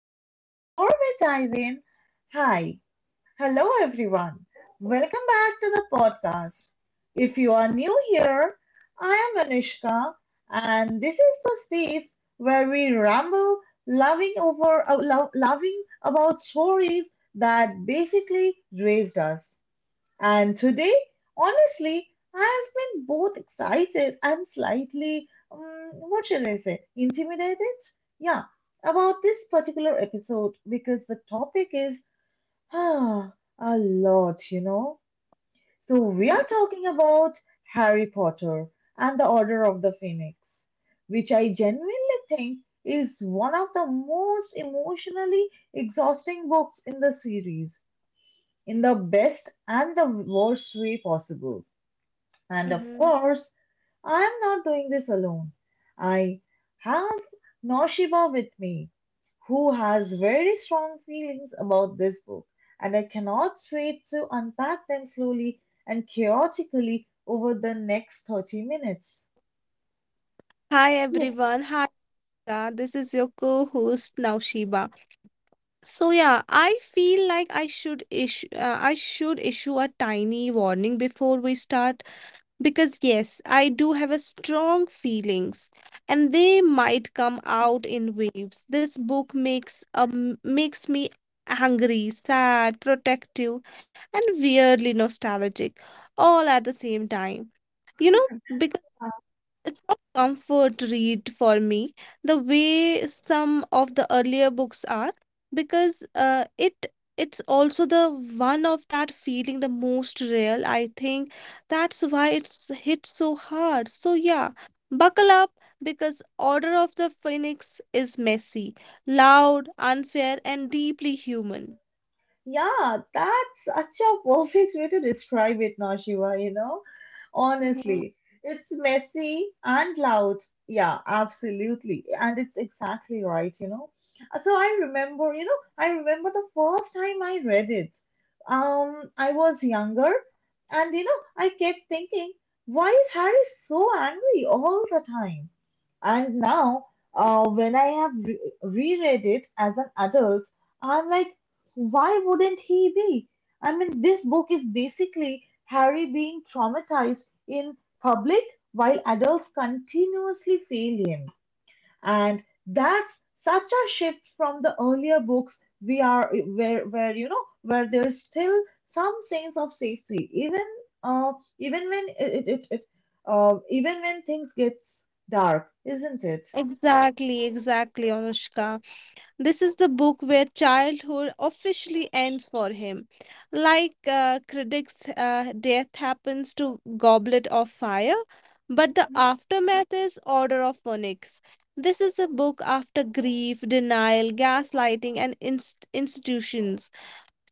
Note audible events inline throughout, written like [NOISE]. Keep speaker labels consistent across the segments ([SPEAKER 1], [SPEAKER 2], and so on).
[SPEAKER 1] So before we dive in, hi, hello everyone. Welcome back to the podcast. If you are new here, I am Anushka, and this is the space where we ramble, loving about stories that basically raised us. And today, honestly, I've been both excited and slightly, what shall I say, intimidated? Yeah, about this particular episode because the topic is ah, a lot, So we are talking about Harry Potter and the Order of the Phoenix, which I genuinely think is one of the most emotionally exhausting books in the series in the best and the worst way possible. And of
[SPEAKER 2] Mhm.
[SPEAKER 1] course, I'm not doing this alone. I have Noshiba with me, who has very strong feelings about this book, and I cannot wait to unpack them slowly and chaotically over the next 30 minutes.
[SPEAKER 2] Hi
[SPEAKER 1] Yes.
[SPEAKER 2] everyone. Hi, Ida. This is your co-host Naushiba. So yeah, I feel like I should issue a tiny warning before we start because yes, I do have a strong feelings, and they might come out in waves. This book makes me angry, sad, protective, and weirdly nostalgic all at the same time you know It's not comfort read for me the way some of the earlier books are because it's also the one of that feeling the most real. I think that's why it's hit so hard. So yeah, buckle up because Order of the Phoenix is messy, loud, unfair, and deeply human.
[SPEAKER 1] Yeah, that's such a perfect way to describe it, Nashiva, you know? Honestly, it's messy and loud. Yeah, absolutely. And it's exactly right, you know? So I remember the first time I read it. I was younger and, you know, I kept thinking, why is Harry so angry all the time? And now, when I have re reread it as an adult, I'm like, why wouldn't he be? I mean, this book is basically Harry being traumatized in public while adults continuously fail him. And that's such a shift from the earlier books we are where you know, where there's still some sense of safety, uh even when it even when things gets dark, isn't it?
[SPEAKER 2] Exactly, exactly, Anushka. This is the book where childhood officially ends for him. Like critics, death happens to Goblet of Fire, but the
[SPEAKER 1] Mhm.
[SPEAKER 2] aftermath is Order of Phoenix. This is a book after grief, denial, gaslighting, and institutions,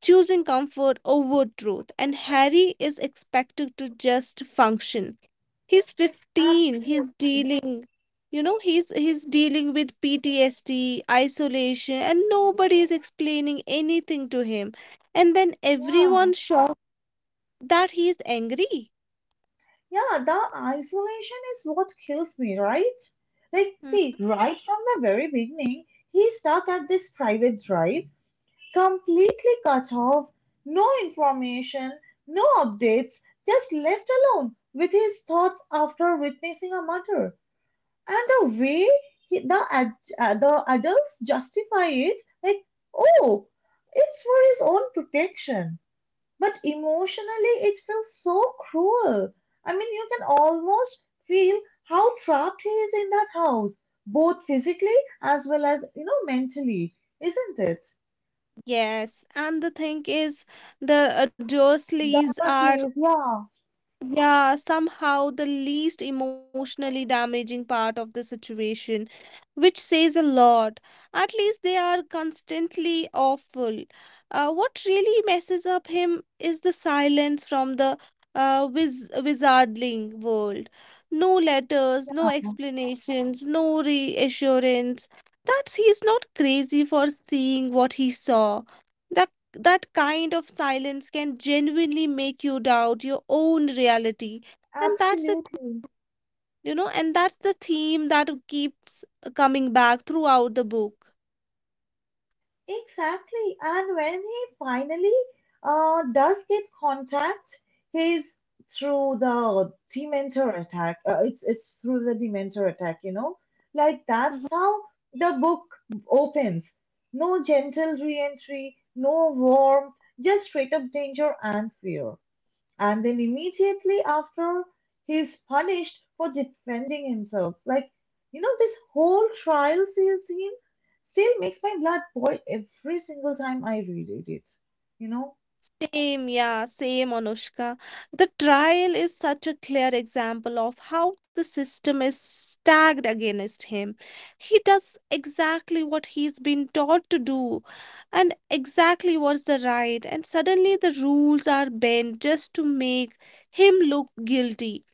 [SPEAKER 2] choosing comfort over truth. And Harry is expected to just function. He's 15, he's
[SPEAKER 1] Absolutely.
[SPEAKER 2] dealing. He's dealing with ptsd, isolation, and nobody is explaining anything to him, and then
[SPEAKER 1] Yeah
[SPEAKER 2] everyone's shocked that he is angry.
[SPEAKER 1] Yeah, the isolation is what kills me, right? Like, see,
[SPEAKER 2] Mm.
[SPEAKER 1] right from the very beginning, he's stuck at this private drive, completely cut off, no information, no updates, just left alone with his thoughts after witnessing a murder. And the way he, the, ad, the adults justify it, like, oh, it's for his own protection. But emotionally, it feels so cruel. I mean, you can almost feel how trapped he is in that house, both physically as well as, you know, mentally, isn't it?
[SPEAKER 2] Yes, and the thing is, the
[SPEAKER 1] The
[SPEAKER 2] dursleys are,
[SPEAKER 1] Dursleys, yeah,
[SPEAKER 2] yeah, somehow the least emotionally damaging part of the situation, which says a lot. At least they are constantly awful. What really messes up him is the silence from the wizardling world. No letters, no explanations, no reassurance. That he's not crazy for seeing what he saw, that kind of silence can genuinely make you doubt your own reality. and that's the
[SPEAKER 1] absolutely.
[SPEAKER 2] you know and that's the theme that keeps coming back throughout the book.
[SPEAKER 1] Exactly. And when he finally does get contact, he's through the Dementor attack. It's through the Dementor attack. You know, like that's how the book opens. No gentle re-entry, no warmth, just straight up danger and fear, and then immediately after he's punished for defending himself. Like, you know, this whole scene still makes my blood boil every single time I reread it. You know?
[SPEAKER 2] Same, yeah, same, Anushka. The trial is such a clear example of how the system is stacked against him. He does exactly what he's been taught to do and exactly what's the right, and suddenly the rules are bent just to make him look guilty,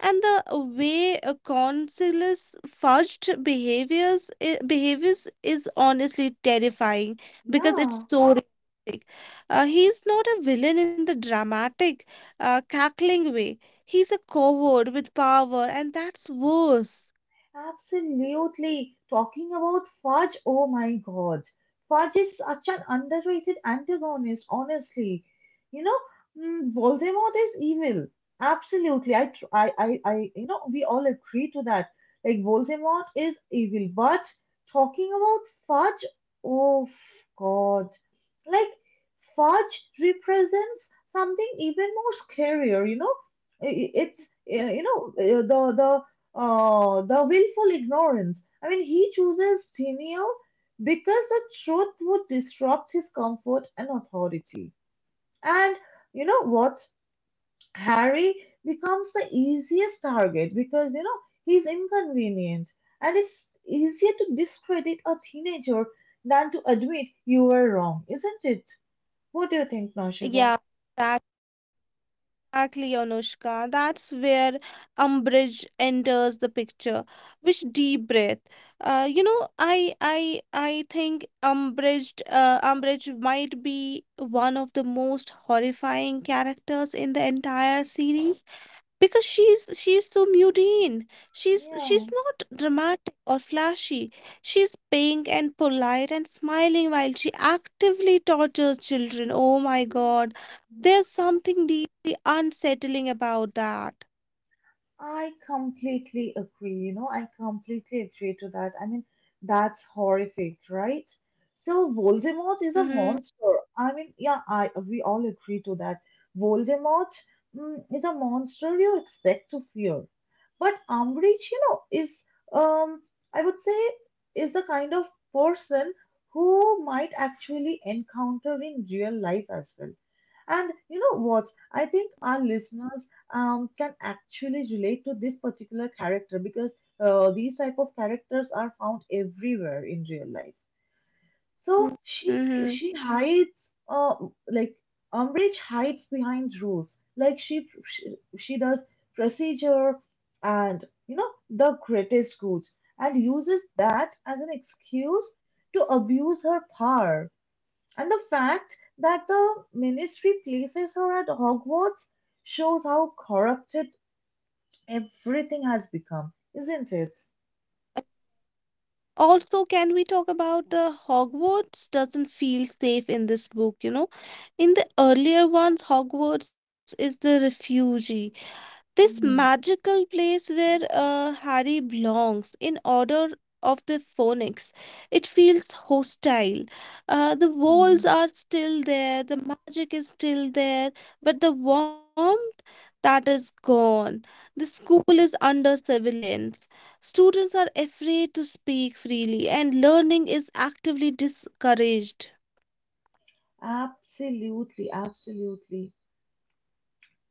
[SPEAKER 2] and the way a consulus fudged behaviors is honestly terrifying because it's
[SPEAKER 1] Yeah.
[SPEAKER 2] so realistic. He's not a villain in the dramatic, cackling way. He's a coward with power, and that's worse.
[SPEAKER 1] Absolutely. Talking about fudge, oh my God. Fudge is such an underrated antagonist, honestly. You know, Voldemort is evil. Absolutely. I, tr- I, you know, we all agree to that. Like, Voldemort is evil. But talking about fudge, oh God. Like, fudge represents something even more scarier, you know? It's, uh, you know, uh, the, the, oh, the willful ignorance. I mean, he chooses denial because the truth would disrupt his comfort and authority. And you know what? Harry becomes the easiest target because, you know, he's inconvenient. And it's easier to discredit a teenager than to admit you were wrong, isn't it? What do you think, Noshiba?
[SPEAKER 2] Yeah, that. Exactly, Anushka. That's where umbrage enters the picture. Which deep breath. I think umbrage might be one of the most horrifying characters in the entire series because she's so mundane. She's
[SPEAKER 1] Yeah.
[SPEAKER 2] not dramatic or flashy, she's pink and polite and smiling while she actively tortures children. Oh my god,
[SPEAKER 1] [LAUGHS]
[SPEAKER 2] there's something deeply unsettling about that.
[SPEAKER 1] I completely agree. You know, I completely agree to that. I mean, that's horrific, right? So Voldemort is a
[SPEAKER 2] Mm-hmm.
[SPEAKER 1] monster. I mean, yeah, I we all agree to that. Voldemort, is a monster you expect to fear, but Umbridge, you know, is, um, I would say, is the kind of person who might actually encounter in real life as well. And you know what? I think our listeners, can actually relate to this particular character because these type of characters are found everywhere in real life. So she
[SPEAKER 2] Mm-hmm.
[SPEAKER 1] she hides, like Umbridge hides behind rules, like she does procedure and you know the greatest good, and uses that as an excuse to abuse her power. And the fact that the ministry places her at Hogwarts shows how corrupted everything has become, isn't it?
[SPEAKER 2] Also, can we talk about the hogwarts doesn't feel safe in this book, you know? In the earlier ones, hogwarts is the refugee, this
[SPEAKER 1] Mm.
[SPEAKER 2] magical place where Harry belongs. In order of the phonics, it feels hostile. The walls
[SPEAKER 1] Mm.
[SPEAKER 2] are still there, the magic is still there, but the warmth, that is gone. The school is under surveillance. Students are afraid to speak freely, and learning is actively discouraged.
[SPEAKER 1] Absolutely, absolutely.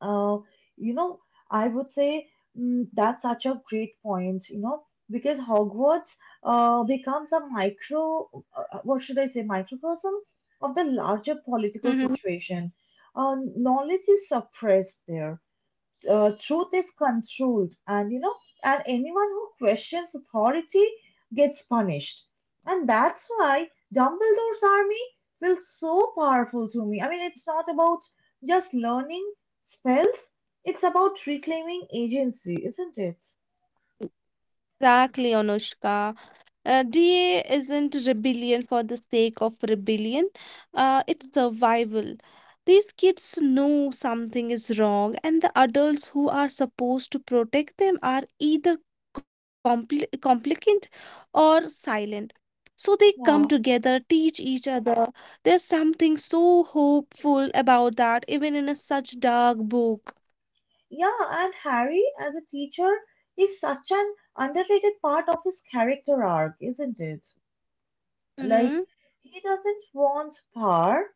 [SPEAKER 1] Uh, you know, I would say, that's such a great point, you know, because Hogwarts becomes a what should I say, microcosm of the larger political
[SPEAKER 2] Mhm.
[SPEAKER 1] situation. Knowledge is suppressed there, truth is controlled, and you know, and anyone who questions authority gets punished. And that's why Dumbledore's Army feels so powerful to me. I mean, it's not about just learning spells, it's about reclaiming agency, isn't it?
[SPEAKER 2] Exactly, Anushka. DA isn't rebellion for the sake of rebellion, it's survival. These kids know something is wrong, and the adults who are supposed to protect them are either complicant or silent. So they come
[SPEAKER 1] Yeah.
[SPEAKER 2] together, teach each other. There's something so hopeful about that, even in a such dark book.
[SPEAKER 1] Yeah, and Harry as a teacher is such an underrated part of his character arc, isn't it? Like,
[SPEAKER 2] Mm-hmm.
[SPEAKER 1] he doesn't want power,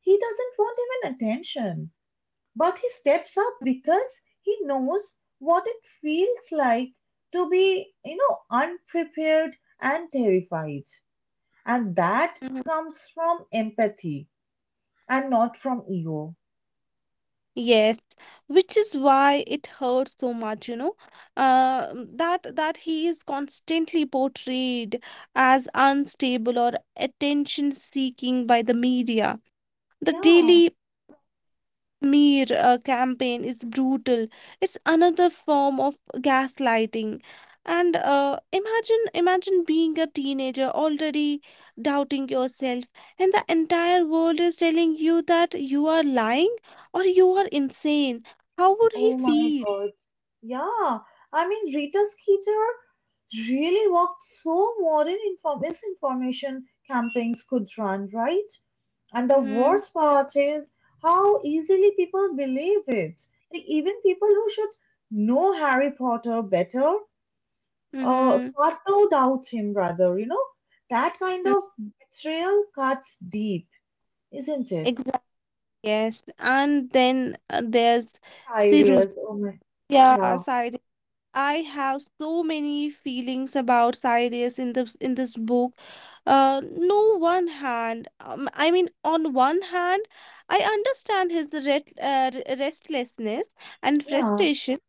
[SPEAKER 1] he doesn't want even attention. But he steps up because he knows what it feels like to be, you know, unprepared and terrified. And that comes from empathy and not from ego.
[SPEAKER 2] Yes, which is why it hurts so much, you know, that he is constantly portrayed as unstable or attention seeking by the media. The
[SPEAKER 1] Yeah.
[SPEAKER 2] daily Mir campaign is brutal. It's another form of gaslighting. And uh, imagine being a teenager already doubting yourself, and the entire world is telling you that you are lying or you are insane. How would he
[SPEAKER 1] Oh my
[SPEAKER 2] feel?
[SPEAKER 1] God. Yeah. I mean, Rita Skeeter really worked so modern misinformation campaigns could run, right? And the
[SPEAKER 2] Mm-hmm.
[SPEAKER 1] worst part is how easily people believe it. Like, even people who should know Harry Potter better,
[SPEAKER 2] Mm-hmm.
[SPEAKER 1] start to doubt him rather. You know that kind of betrayal cuts deep, isn't it?
[SPEAKER 2] Exactly. Yes. And then there's Sirus.
[SPEAKER 1] Cyrus, oh my,
[SPEAKER 2] Yeah,
[SPEAKER 1] yeah,
[SPEAKER 2] side, I have so many feelings about Cyrus in this book. No one hand. I mean, on one hand, I understand his restlessness and
[SPEAKER 1] yeah,
[SPEAKER 2] frustration,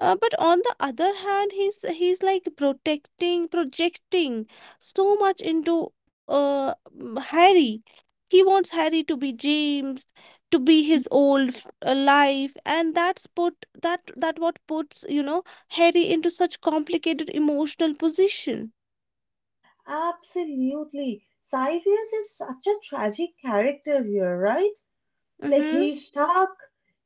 [SPEAKER 2] but on the other hand, he's like protecting, projecting so much into Harry. He wants Harry to be James, to be his old life, and that's put that that what puts you know Harry into such complicated emotional position.
[SPEAKER 1] absolutely. Cyrus is such a tragic character here, right? Like,
[SPEAKER 2] Mm-hmm.
[SPEAKER 1] he's stuck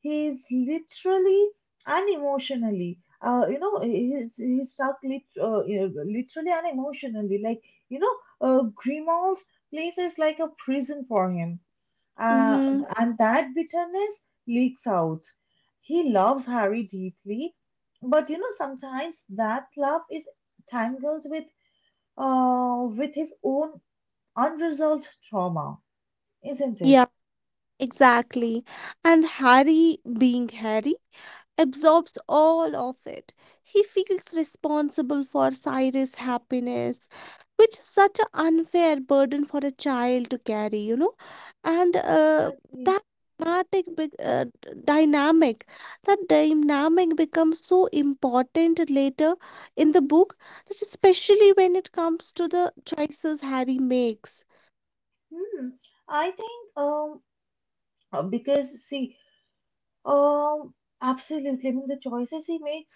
[SPEAKER 1] he's literally and emotionally, you know he's stuck lit- you know, literally and emotionally, like, you know, Grimaud's place is like a prison for him. uh
[SPEAKER 2] Mm-hmm.
[SPEAKER 1] and that bitterness leaks out. He loves Harry deeply, but you know sometimes that love is tangled with, with his own unresolved trauma, isn't it?
[SPEAKER 2] Yeah. Exactly. And Harry, being Harry, absorbs all of it. He feels responsible for Cyrus' happiness, which is such an unfair burden for a child to carry, you know. And
[SPEAKER 1] Exactly.
[SPEAKER 2] that dramatic big, d- dynamic, that dynamic becomes so important later in the book, that especially when it comes to the choices Harry makes.
[SPEAKER 1] Hmm. I think because see um absolutely, I mean the choices he makes,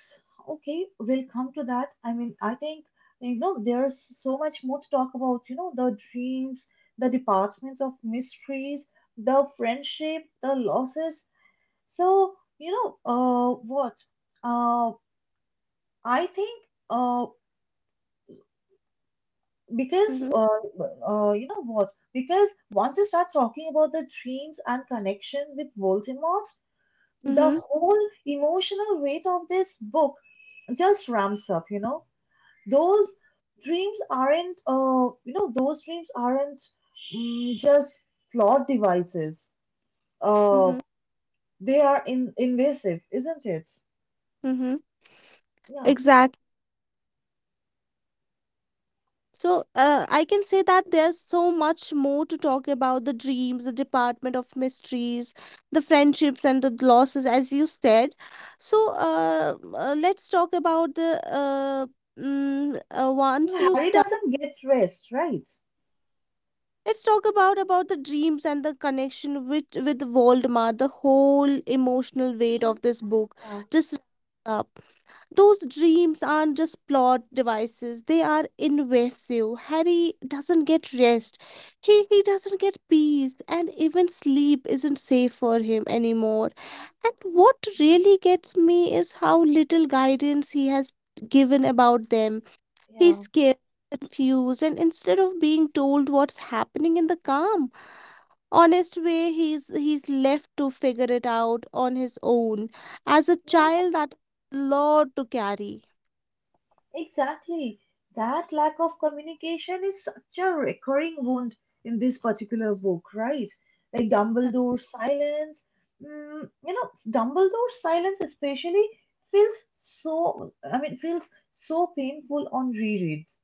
[SPEAKER 1] okay, we'll come to that. I mean, I think you know there's so much more to talk about, you know, the dreams, the departments of mysteries, the friendship, the losses. So, you know, what uh I think because
[SPEAKER 2] Mhm,
[SPEAKER 1] you know what, because once you start talking about the dreams and connection with Voldemort, the
[SPEAKER 2] mhm,
[SPEAKER 1] whole emotional weight of this book just ramps up, you know. Those dreams aren't uh, you know those dreams aren't, just flawed devices, uh,
[SPEAKER 2] mhm,
[SPEAKER 1] they are invasive, isn't it?
[SPEAKER 2] mhm.
[SPEAKER 1] Yeah.
[SPEAKER 2] Exact. So, I can say that there's so much more to talk about the dreams, the department of mysteries, the friendships, and the losses, as you said. So, let's talk about the mm, once
[SPEAKER 1] So
[SPEAKER 2] you
[SPEAKER 1] Harry
[SPEAKER 2] start.
[SPEAKER 1] doesn't get rest, right?
[SPEAKER 2] Let's talk about the dreams and the connection with Voldemort, the whole emotional weight
[SPEAKER 1] Hmm.
[SPEAKER 2] of this book.
[SPEAKER 1] Yeah.
[SPEAKER 2] Just wraps up. Those dreams aren't just plot devices, they are invasive. Harry doesn't get rest. He doesn't get peace, and even sleep isn't safe for him anymore. And what
[SPEAKER 1] Mhm.
[SPEAKER 2] really gets me is how little guidance he has given about them. He's
[SPEAKER 1] Yeah.
[SPEAKER 2] scared, confused, and instead of being told what's happening in the calm, honest way, he's left to figure it out on his own as a child. That lot to carry.
[SPEAKER 1] Exactly. That lack of communication is such a recurring wound in this particular book, right? Like
[SPEAKER 2] Yep.
[SPEAKER 1] Dumbledore's silence, Dumbledore's silence especially feels so, I mean, feels so painful on rereads.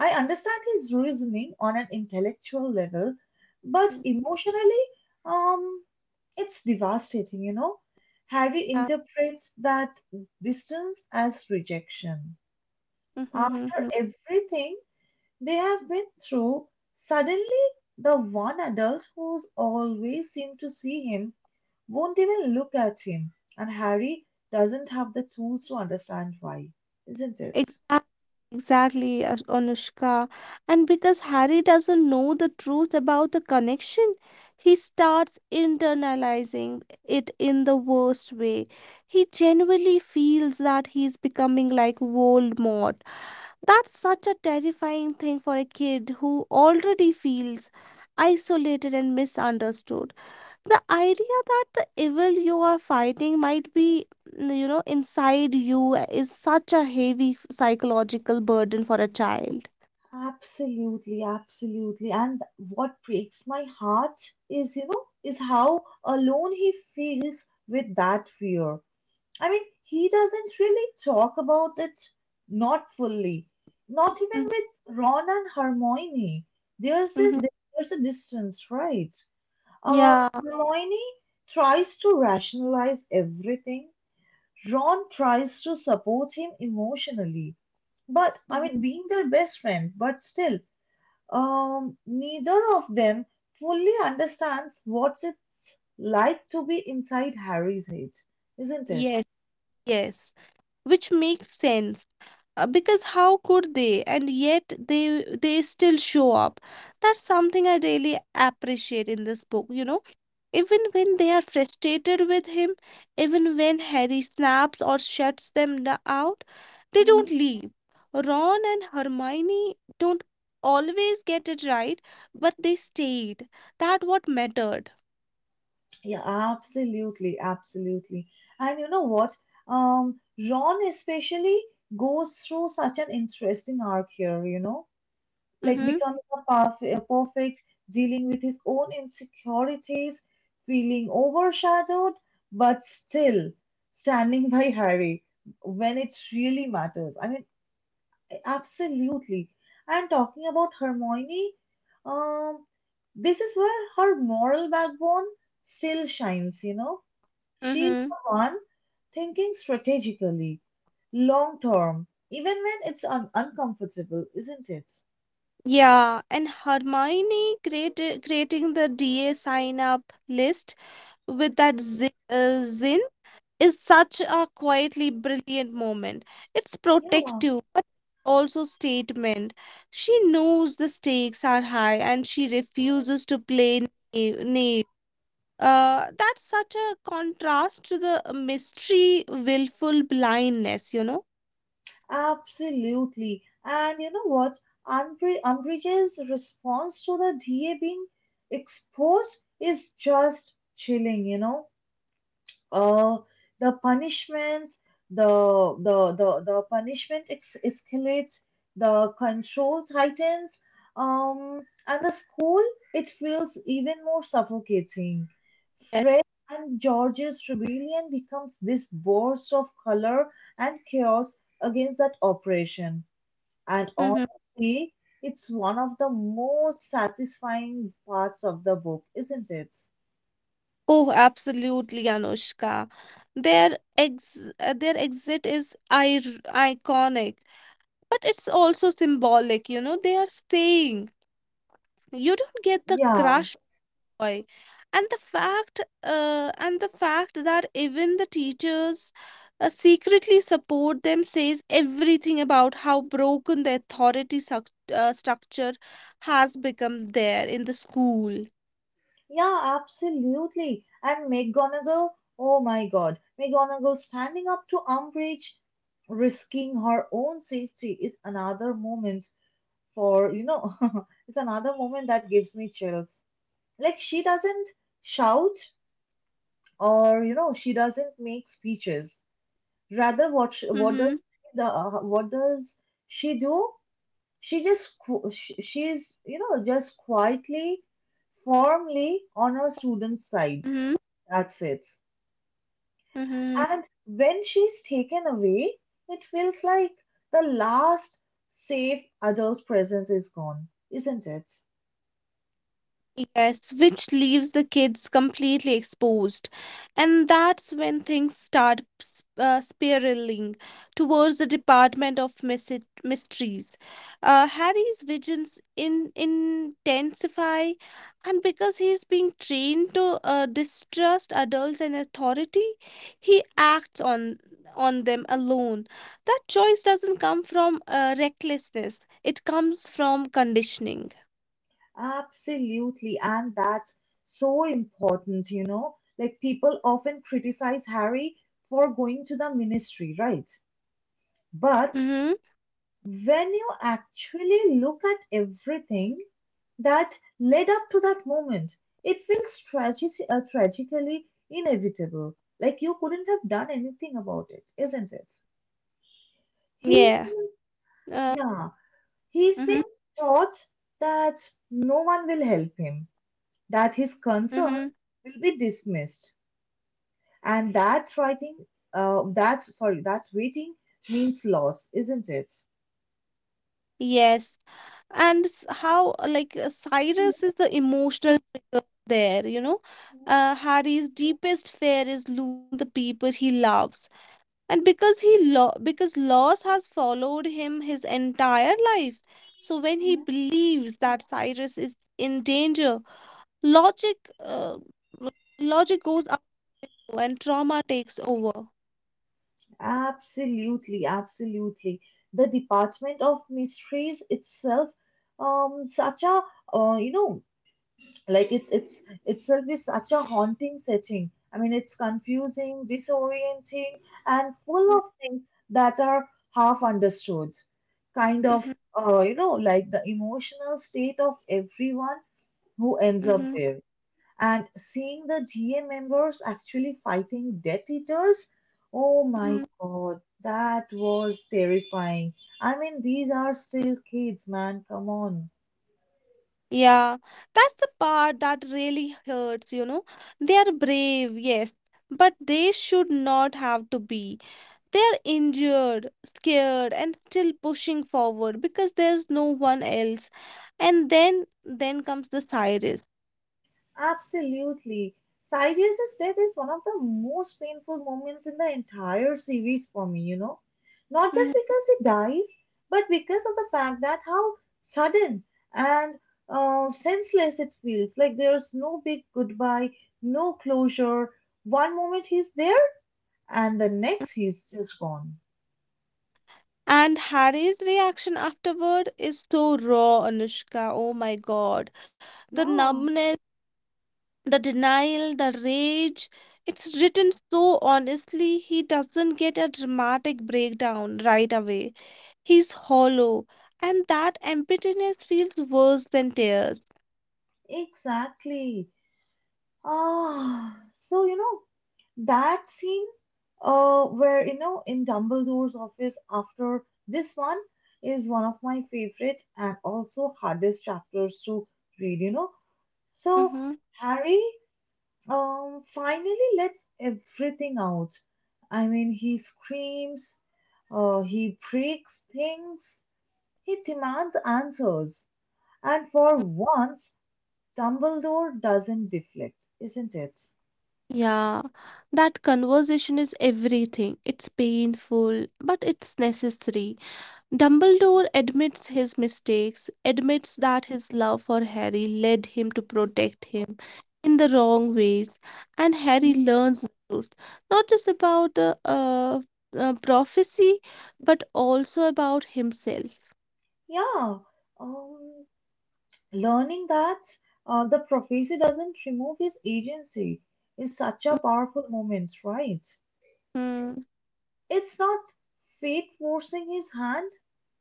[SPEAKER 1] I understand his reasoning on an intellectual level, but emotionally, um, it's devastating, you know. Harry
[SPEAKER 2] Yeah.
[SPEAKER 1] interprets that distance as rejection.
[SPEAKER 2] Mhm, mhm,
[SPEAKER 1] After
[SPEAKER 2] mhm.
[SPEAKER 1] everything they have been through, suddenly the one adult who's always seemed to see him won't even look at him, and Harry doesn't have the tools to understand why, isn't it?
[SPEAKER 2] Exactly, exactly, Anushka. And because Harry doesn't know the truth about the connection, he starts internalizing it in the worst way. He genuinely feels that he's becoming like Voldemort. That's such a terrifying thing for a kid who already feels isolated and misunderstood. The idea that the evil you are fighting might be inside you is such a heavy psychological burden for a child.
[SPEAKER 1] Absolutely, absolutely. And what breaks my heart is, you know, is how alone he feels with that fear. I mean, he doesn't really talk about it, not fully, not even
[SPEAKER 2] Mhm,
[SPEAKER 1] with Ron and Hermione. There's a
[SPEAKER 2] mhm.
[SPEAKER 1] there's a distance, right? Uh,
[SPEAKER 2] Yeah.
[SPEAKER 1] Hermione tries to rationalize everything. Ron tries to support him emotionally, but I
[SPEAKER 2] Mhm.
[SPEAKER 1] mean, being their best friend, but still, neither of them fully understands what it's like to be inside Harry's head, isn't it?
[SPEAKER 2] Yes, yes, which makes sense, because how could they? And yet they still show up. That's something I really appreciate in this book, you know. Even when they are frustrated with him, even when Harry snaps or shuts them out, they don't leave. Ron and Hermione don't always get it right, but they stayed. That what mattered.
[SPEAKER 1] Yeah, absolutely, absolutely. And you know what? Um, Ron especially goes through such an interesting arc here, you know, like
[SPEAKER 2] Mm-hmm.
[SPEAKER 1] becoming a perfect, dealing with his own insecurities, feeling overshadowed, but still standing [LAUGHS] by Harry when it really matters. I mean, absolutely. And talking about Hermione, um, this is where her moral backbone still shines, you know. She's
[SPEAKER 2] Mm-hmm.
[SPEAKER 1] the one thinking strategically, long term, even when it's uncomfortable, isn't it?
[SPEAKER 2] Yeah, and Hermione created creating the DA sign up list with that zin is such a quietly brilliant moment. It's
[SPEAKER 1] Yeah,
[SPEAKER 2] protective, but also statement. She knows the stakes are high and she refuses to play naive. Naive. That's such a contrast to the mystery, willful blindness, you know?
[SPEAKER 1] absolutely. And you know what? Unbridge's response to the DA being exposed is just chilling, you know? uh, the punishments, the the the punishment escalates, the control tightens, um, and the school, it feels even more suffocating.
[SPEAKER 2] Yes.
[SPEAKER 1] Fred and George's rebellion becomes this burst of color and chaos against that oppression, and
[SPEAKER 2] Mhm.
[SPEAKER 1] honestly, it's one of the most satisfying parts of the book, isn't it?
[SPEAKER 2] Oh, absolutely, Anushka. Their exit is ir iconic, but it's also symbolic, you know? They are saying, you don't get the
[SPEAKER 1] Yeah.
[SPEAKER 2] crush boy. And the fact that even the teachers secretly support them says everything about how broken the authority structure has become there in the school.
[SPEAKER 1] Yeah, absolutely. And McGonagall, oh my God, McGonagall standing up to Umbridge, risking her own safety is another moment for, you know, [LAUGHS] it's another moment that gives me chills. Like, she doesn't shout or, you know, she doesn't make speeches. Rather, what sh
[SPEAKER 2] Mm-hmm.
[SPEAKER 1] what does the, what does she do? She she's, you know, just quietly, firmly on her
[SPEAKER 2] Mm-hmm.
[SPEAKER 1] student's side, that's it.
[SPEAKER 2] Mm-hmm.
[SPEAKER 1] And when she's taken away, it feels like the last safe adult presence is gone, isn't it?
[SPEAKER 2] Yes, which leaves the kids completely exposed. And that's when things start spiraling towards the Department of Mysteries. Harry's visions intensify, and because he's being trained to distrust adults and authority, he acts on them alone. That choice doesn't come from recklessness; it comes from conditioning.
[SPEAKER 1] Absolutely, and that's so important, you know, like people often criticize Harry for going to the ministry, right? But
[SPEAKER 2] Mm-hmm.
[SPEAKER 1] when you actually look at everything that led up to that moment, it feels tragic, tragically inevitable. Like you couldn't have done anything about it, isn't it?
[SPEAKER 2] Yeah.
[SPEAKER 1] He's been,
[SPEAKER 2] Uh,
[SPEAKER 1] yeah,
[SPEAKER 2] mm-hmm,
[SPEAKER 1] he's been taught that no one will help him, that his
[SPEAKER 2] mm-hmm,
[SPEAKER 1] concerns will be dismissed, and that writing, that sorry, that waiting means loss, isn't it?
[SPEAKER 2] yes. And s- how, like, Cyrus is the emotional trigger there, you know? Harry's deepest fear is losing the people he loves. And because he lo because loss has followed him his entire life. So when he believes that Cyrus is in danger, logic, uh, logic goes out and trauma takes over.
[SPEAKER 1] Absolutely, absolutely. The Department of Mysteries itself, such a uh, you know, like it's itself is such a haunting setting. I mean, it's confusing, disorienting, and full of things that are half understood. Kind
[SPEAKER 2] Mm-hmm,
[SPEAKER 1] of, like the emotional state of everyone who ends up
[SPEAKER 2] mm-hmm,
[SPEAKER 1] there. And seeing the GA members actually fighting Death Eaters, oh my
[SPEAKER 2] mm-hmm.
[SPEAKER 1] god, that was terrifying. I mean, these are still kids, man, come on.
[SPEAKER 2] Yeah, that's the part that really hurts, you know. They are brave, yes, but they should not have to be. They are injured, scared, and still pushing forward because there's no one else. And then comes the Cyrus.
[SPEAKER 1] Absolutely. Cyrus's death is one of the most painful moments in the entire series for me, you know. Not just
[SPEAKER 2] Mhm.
[SPEAKER 1] because he dies, but because of the fact that how sudden and senseless it feels. Like there's no big goodbye, no closure. One moment he's there, and the next he's just gone.
[SPEAKER 2] And Harry's reaction afterward is so raw, Anushka. Oh my God. The
[SPEAKER 1] Yeah,
[SPEAKER 2] numbness, the denial, the rage, it's written so honestly. He doesn't get a dramatic breakdown right away. He's hollow, and that emptiness feels worse than tears.
[SPEAKER 1] exactly. Ah, so you know, That scene where, in Dumbledore's office after this one is one of my favorite and also hardest chapters to read, you know. So
[SPEAKER 2] Mhm.
[SPEAKER 1] Harry finally lets everything out. I mean, he screams, he breaks things, he demands answers. And for once, Dumbledore doesn't deflect, isn't it?
[SPEAKER 2] Yeah, that conversation is everything. It's painful, but it's necessary. Dumbledore admits his mistakes, admits that his love for Harry led him to protect him in the wrong ways, and Harry
[SPEAKER 1] Mm.
[SPEAKER 2] learns the truth, not just about the prophecy, but also about himself.
[SPEAKER 1] Yeah. Um, Learning that the prophecy doesn't remove his agency is such a powerful moment, right?
[SPEAKER 2] Mm-hmm.
[SPEAKER 1] It's not fate forcing his hand,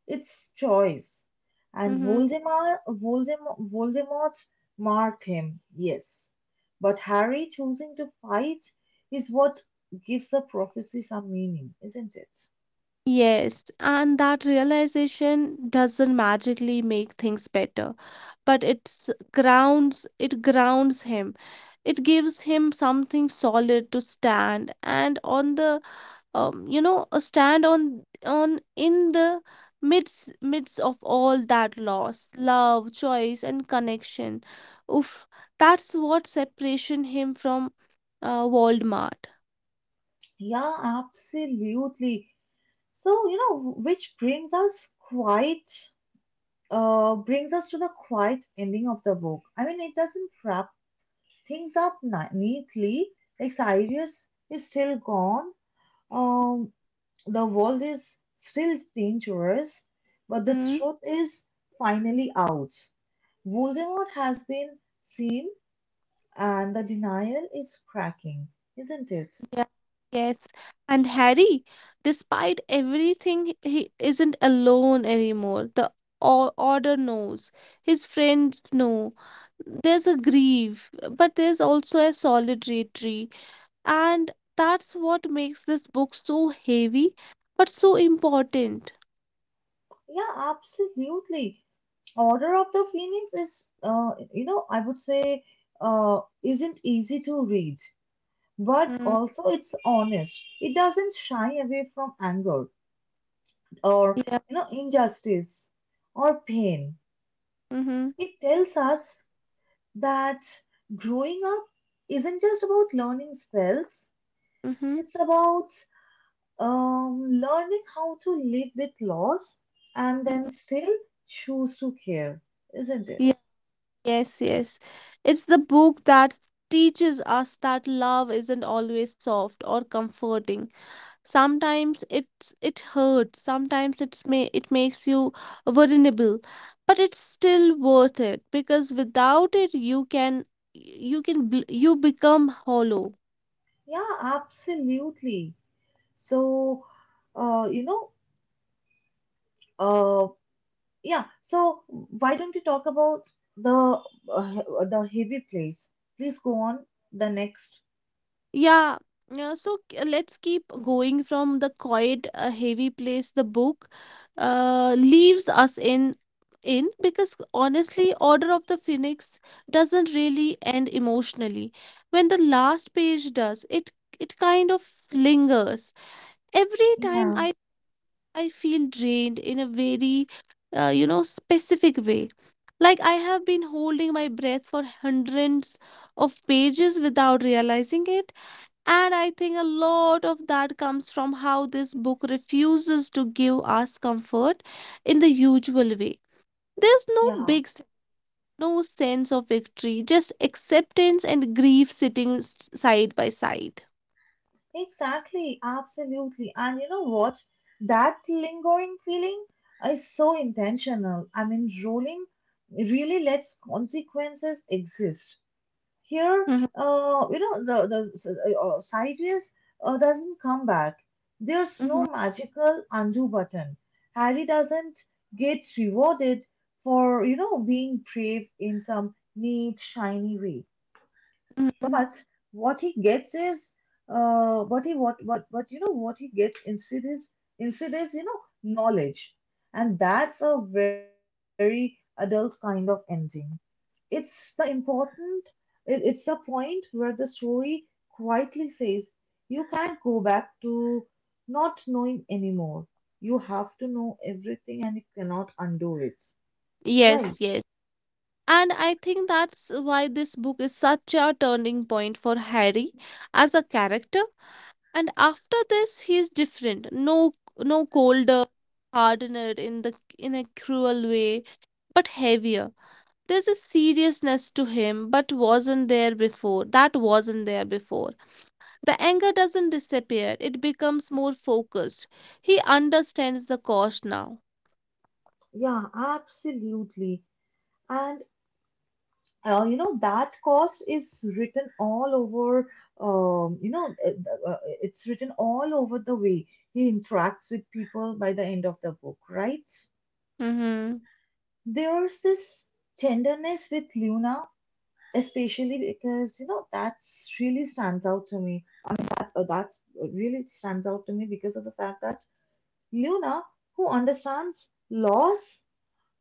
[SPEAKER 1] it's choice. And
[SPEAKER 2] Mm-hmm.
[SPEAKER 1] Voldemort marked him, yes. But Harry choosing to fight is what gives the prophecy some meaning, isn't it?
[SPEAKER 2] Yes, and that realization doesn't magically make things better, but it grounds him. It gives him something solid to stand and on the you know a stand on in the midst of all that loss, love, choice, and connection. Oof, that's what separation him from Voldemort.
[SPEAKER 1] Yeah, absolutely. So, you know, which brings us to the quiet ending of the book. I mean, it doesn't wrap things up neatly. Like Cyrus is still gone. Um, the world is still dangerous, but the truth is finally out. Voldemort has been seen, and the denial is cracking, isn't it?
[SPEAKER 2] Yeah, yes. And Harry, despite everything, he isn't alone anymore. The Order knows, his friends know. There's a grief, but there's also a solidarity. And that's what makes this book so heavy, but so important.
[SPEAKER 1] Yeah, absolutely. Order of the Phoenix is, I would say, isn't easy to read but
[SPEAKER 2] Mm,
[SPEAKER 1] also it's honest. It doesn't shy away from anger or
[SPEAKER 2] yeah.
[SPEAKER 1] you know injustice or pain.
[SPEAKER 2] Mm-hmm.
[SPEAKER 1] It tells us that growing up isn't just about learning spells.
[SPEAKER 2] Mm-hmm.
[SPEAKER 1] It's about learning how to live with loss and then still choose to care, isn't it?
[SPEAKER 2] Yeah. Yes, yes. It's the book that teaches us that love isn't always soft or comforting. Sometimes it hurts. Sometimes it makes you vulnerable, but it's still worth it because without it you become hollow.
[SPEAKER 1] Yeah, absolutely. So, uh, you know, uh, Yeah, so, why don't we talk about the uh, the heavy place? Please go on the next.
[SPEAKER 2] Yeah. So let's keep going from the quiet, heavy place the book leaves us in because honestly, Order of the Phoenix doesn't really end emotionally. When the last page does, it kind of lingers. Every time
[SPEAKER 1] Yeah.
[SPEAKER 2] I feel drained in a very specific way, like I have been holding my breath for hundreds of pages without realizing it. And I think a lot of that comes from how this book refuses to give us comfort in the usual way. There's no
[SPEAKER 1] Yeah,
[SPEAKER 2] big, no sense of victory, just acceptance and grief sitting side by side.
[SPEAKER 1] exactly, absolutely. And you know what? That lingering feeling is so intentional. I mean, ruling really lets consequences exist. Here,
[SPEAKER 2] Mhm,
[SPEAKER 1] sideways doesn't come back. There's
[SPEAKER 2] mhm,
[SPEAKER 1] no magical undo button. Harry doesn't get rewarded for, you know, being brave in some neat, shiny way.
[SPEAKER 2] mhm.
[SPEAKER 1] But what he gets is, what he what you know what he gets instead is you know knowledge, and that's a very adult kind of ending. It's the important, it's the point where the story quietly says, you can't go back to not knowing anymore. You have to know everything and you cannot undo it.
[SPEAKER 2] Yes,
[SPEAKER 1] Right.
[SPEAKER 2] yes. And I think that's why this book is such a turning point for Harry as a character. And after this he is different. No no colder, hardener in a cruel way, but heavier. There's a seriousness to him but wasn't there before that wasn't there before. The anger doesn't disappear, it becomes more focused. He understands the cost now.
[SPEAKER 1] Yeah, absolutely. And you know that cost is written all over. Um, you know, uh, it's written all over the way he interacts with people by the end of the book, right?
[SPEAKER 2] Mm-hmm.
[SPEAKER 1] There's this tenderness with Luna especially because you know that's really stands out to me that that's really stands out to me because of the fact that Luna who understands loss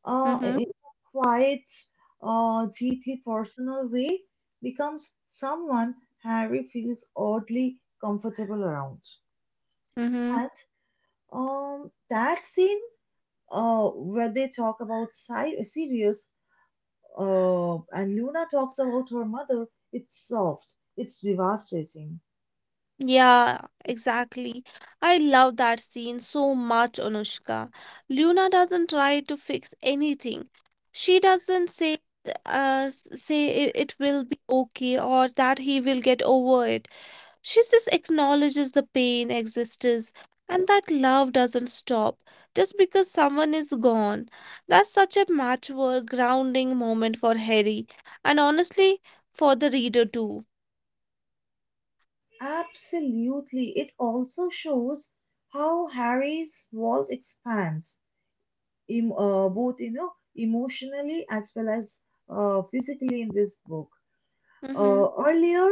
[SPEAKER 2] Mm-hmm.
[SPEAKER 1] in a quiet deeply personal way becomes someone Harry feels oddly comfortable around
[SPEAKER 2] Mm-hmm.
[SPEAKER 1] and that scene where they talk about Sirius and Luna talks about her mother, it's soft, it's devastating.
[SPEAKER 2] Yeah, exactly. I love that scene so much, Anushka. Luna doesn't try to fix anything. She doesn't say it, it will be okay, or that he will get over it. She just acknowledges the pain exists, and that love doesn't stop just because someone is gone. That's such a mature, grounding moment for Harry, and honestly for the reader too.
[SPEAKER 1] Absolutely. It also shows how Harry's world expands, both you know emotionally as well as physically in this book.
[SPEAKER 2] Mm-hmm.
[SPEAKER 1] Earlier,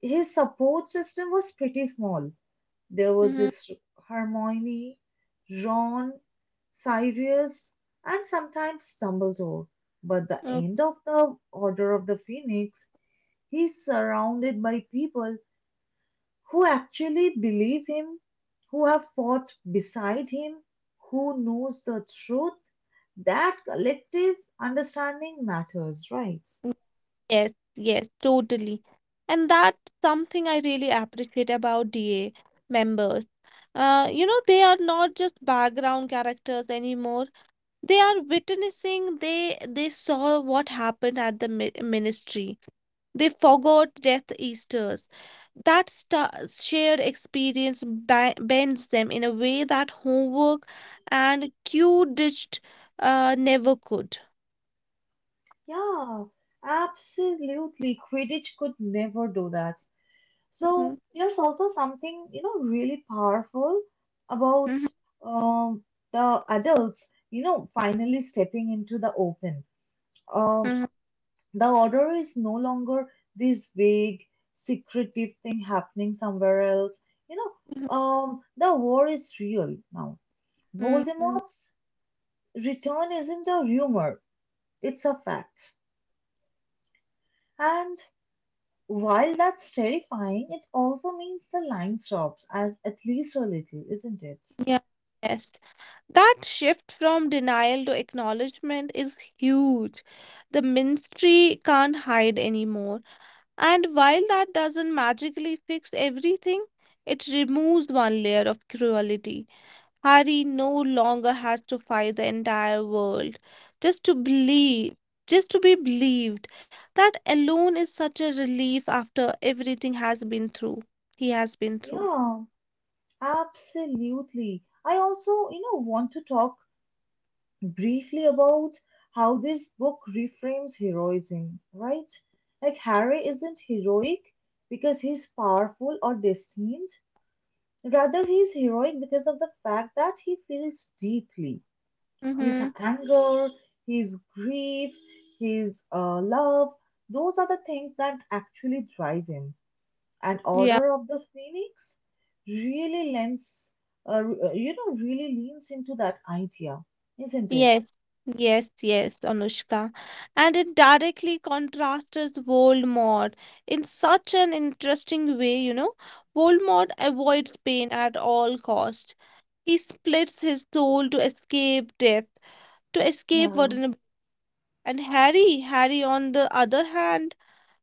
[SPEAKER 1] his support system was pretty small. There was
[SPEAKER 2] Mm-hmm.
[SPEAKER 1] this Hermione, Ron, Sirius, and sometimes Dumbledore. But the end
[SPEAKER 2] Okay.
[SPEAKER 1] of the Order of the Phoenix, he's surrounded by people who actually believe him, who have fought beside him, who knows the truth, that collective understanding matters, right?
[SPEAKER 2] Yes, yes, totally. And that's something I really appreciate about DA members. They are not just background characters anymore. They are witnessing, they saw what happened at the mi ministry. They forgot Death Eaters. That sta Shared experience bends them in a way that homework and Q-digit never could.
[SPEAKER 1] Yeah, absolutely. Quidditch could never do that. So
[SPEAKER 2] Mhm,
[SPEAKER 1] there's also something, you know, really powerful about
[SPEAKER 2] mhm,
[SPEAKER 1] um, the adults, you know, finally stepping into the open. Um,
[SPEAKER 2] mhm,
[SPEAKER 1] The order is no longer this vague, secretive thing happening somewhere else. The war is real now.
[SPEAKER 2] mhm, mhm.
[SPEAKER 1] Voldemort's return isn't a rumor, it's a fact. And while that's terrifying, it also means the line stops, as at least a little, isn't it?
[SPEAKER 2] Yeah, yes. That shift from denial to acknowledgement is huge. The ministry can't hide anymore. And while that doesn't magically fix everything, it removes one layer of cruelty. Harry no longer has to fight the entire world just to believe, just to be believed. That alone is such a relief after everything has been through. he has been through.
[SPEAKER 1] Yeah, absolutely. I also, you know, want to talk briefly about how this book reframes heroism, right? Like Harry isn't heroic because he's powerful or destined. Rather, he's heroic because of the fact that he feels deeply. His
[SPEAKER 2] Mm-hmm.
[SPEAKER 1] anger, his grief, his love, those are the things that actually drive him. And
[SPEAKER 2] Yeah.
[SPEAKER 1] Order of the Phoenix really lends, uh, you know, really leans into that idea, isn't it?
[SPEAKER 2] Yes, yes, yes, Anushka. And it directly contrasts Voldemort in such an interesting way, you know. Voldemort avoids pain at all cost. He splits his soul to escape death, to escape
[SPEAKER 1] Yeah.
[SPEAKER 2] vulnerability. And Harry on the other hand,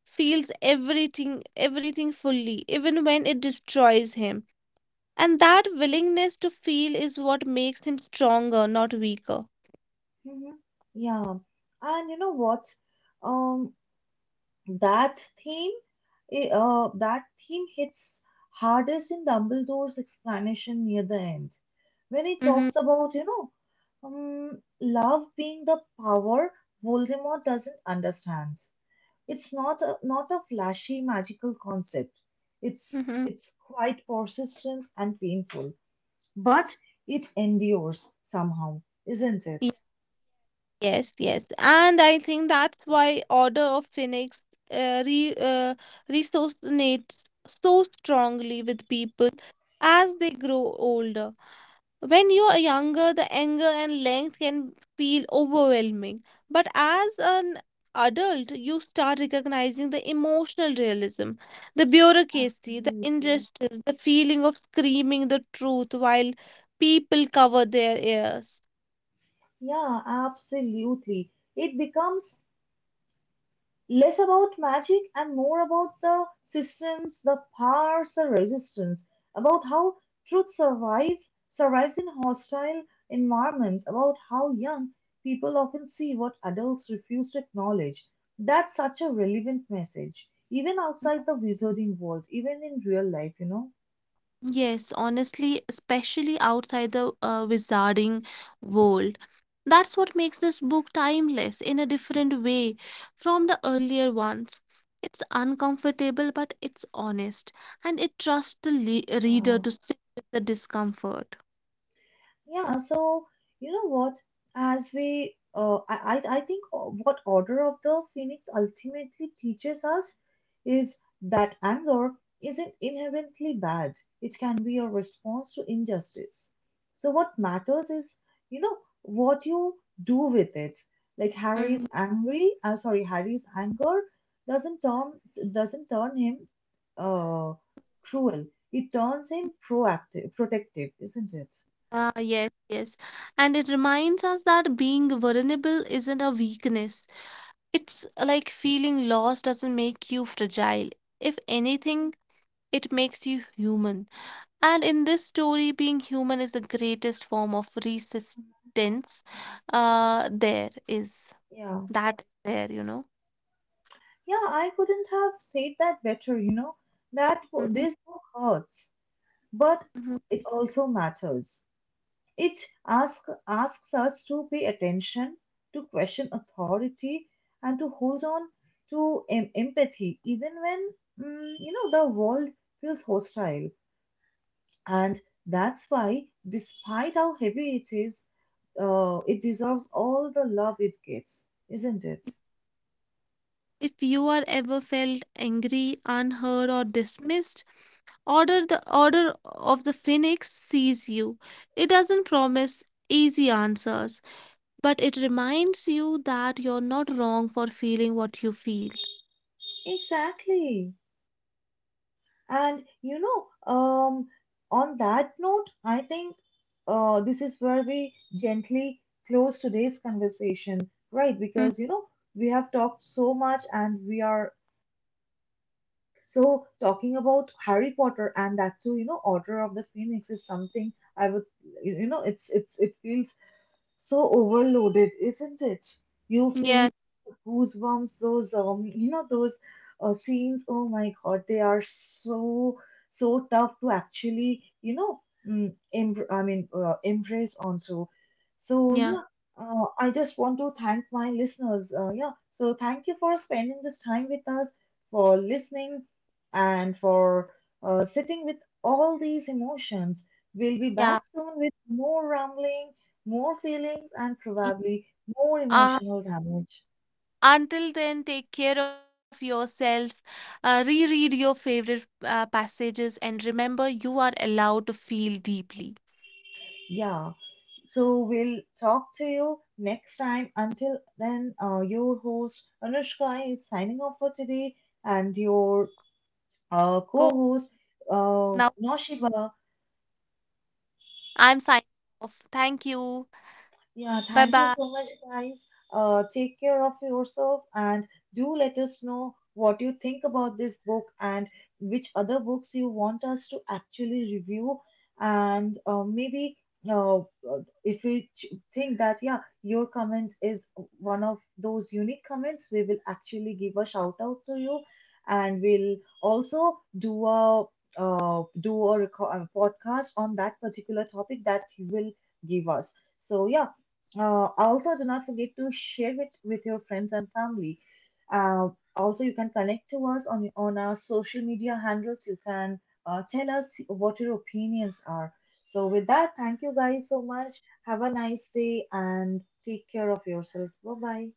[SPEAKER 2] feels everything, everything fully, even when it destroys him. And that willingness to feel is what makes him stronger, not weaker.
[SPEAKER 1] Mm-hmm. Yeah, and you know what? Um, that theme, that theme hits hardest in Dumbledore's explanation near the end, when he
[SPEAKER 2] Mm-hmm.
[SPEAKER 1] talks about, you know, love being the power Voldemort doesn't understand. It's not a flashy magical concept. It's
[SPEAKER 2] Mm-hmm.
[SPEAKER 1] it's quite persistent and painful, but it endures somehow, isn't it?
[SPEAKER 2] Yes, yes. And I think that's why Order of Phoenix uh, re, uh, resonates so strongly with people as they grow older. When you're younger, the anger and length can feel overwhelming. But as an adult, you start recognizing the emotional realism, the bureaucracy, the
[SPEAKER 1] Absolutely,
[SPEAKER 2] injustice, the feeling of screaming the truth while people cover their ears.
[SPEAKER 1] yeah, absolutely. It becomes less about magic and more about the systems, the powers, the resistance, about how truth survive survives in hostile environments, about how young people often see what adults refuse to acknowledge. That's such a relevant message, even outside the wizarding world, even in real life, you know?
[SPEAKER 2] Yes, honestly, especially outside the wizarding world. That's what makes this book timeless in a different way from the earlier ones. It's uncomfortable, but it's honest, and it trusts the le reader
[SPEAKER 1] Yeah.
[SPEAKER 2] to sit with the discomfort.
[SPEAKER 1] Yeah, so you know what? As we, I think what Order of the Phoenix ultimately teaches us is that anger isn't inherently bad. It can be a response to injustice. So what matters is, you know, what you do with it.
[SPEAKER 2] Mhm.
[SPEAKER 1] Harry's anger doesn't turn doesn't turn him uh cruel. It turns him proactive, protective, isn't it?
[SPEAKER 2] Ah, yes, yes. And it reminds us that being vulnerable isn't a weakness. It's like feeling lost doesn't make you fragile. If anything, it makes you human. And in this story, being human is the greatest form of resistance there is.
[SPEAKER 1] Yeah,
[SPEAKER 2] That there, you know.
[SPEAKER 1] yeah, I couldn't have said that better, you know.
[SPEAKER 2] Mhm,
[SPEAKER 1] This book hurts, but
[SPEAKER 2] mhm.
[SPEAKER 1] it also matters. It asks us to pay attention, to question authority, and to hold on to empathy, even when you know the world feels hostile. And that's why, despite how heavy it is, it deserves all the love it gets, isn't it?
[SPEAKER 2] If you are ever felt angry, unheard, or dismissed, order of the phoenix sees you. It doesn't promise easy answers, but it reminds you that you're not wrong for feeling what you feel.
[SPEAKER 1] Exactly. And you know, on that note, I think this is where we gently close today's conversation, right?
[SPEAKER 2] Mm.
[SPEAKER 1] Because you know, we have talked so much and we are so talking about Harry Potter, and that too, you know, Order of the Phoenix is something I would, you know, it feels so overloaded, isn't it? You feel
[SPEAKER 2] Yeah,
[SPEAKER 1] goosebumps, those those scenes, oh my god, they are so so tough to actually you know embrace onto, so so,
[SPEAKER 2] yeah,
[SPEAKER 1] yeah, I just want to thank my listeners, yeah, so thank you for spending this time with us, for listening, and for sitting with all these emotions. We'll be back
[SPEAKER 2] yeah.
[SPEAKER 1] soon with more rambling, more feelings, and probably more emotional damage.
[SPEAKER 2] Until then, take care of yourself, reread your favorite passages, and remember you are allowed to feel deeply.
[SPEAKER 1] Yeah, so we'll talk to you next time. Until then, your host Anushka is signing off for today, and your co
[SPEAKER 2] Go
[SPEAKER 1] host
[SPEAKER 2] now.
[SPEAKER 1] Noshiba.
[SPEAKER 2] I'm signing off. Thank you.
[SPEAKER 1] Yeah,
[SPEAKER 2] Bye
[SPEAKER 1] thank you
[SPEAKER 2] bye.
[SPEAKER 1] so much, guys. Take care of yourself and do let us know what you think about this book and which other books you want us to actually review. And uh, maybe uh, uh, if we ch- think that, yeah, your comment is one of those unique comments, we will actually give a shout out to you. And we'll also do a a podcast on that particular topic that you will give us. So, yeah. Also, do not forget to share it with your friends and family. Uh, Also, you can connect to us on our social media handles. You can tell us what your opinions are. So, with that, thank you guys so much. Have a nice day and take care of
[SPEAKER 2] Bye
[SPEAKER 1] yourself. Bye
[SPEAKER 2] bye.
[SPEAKER 1] bye.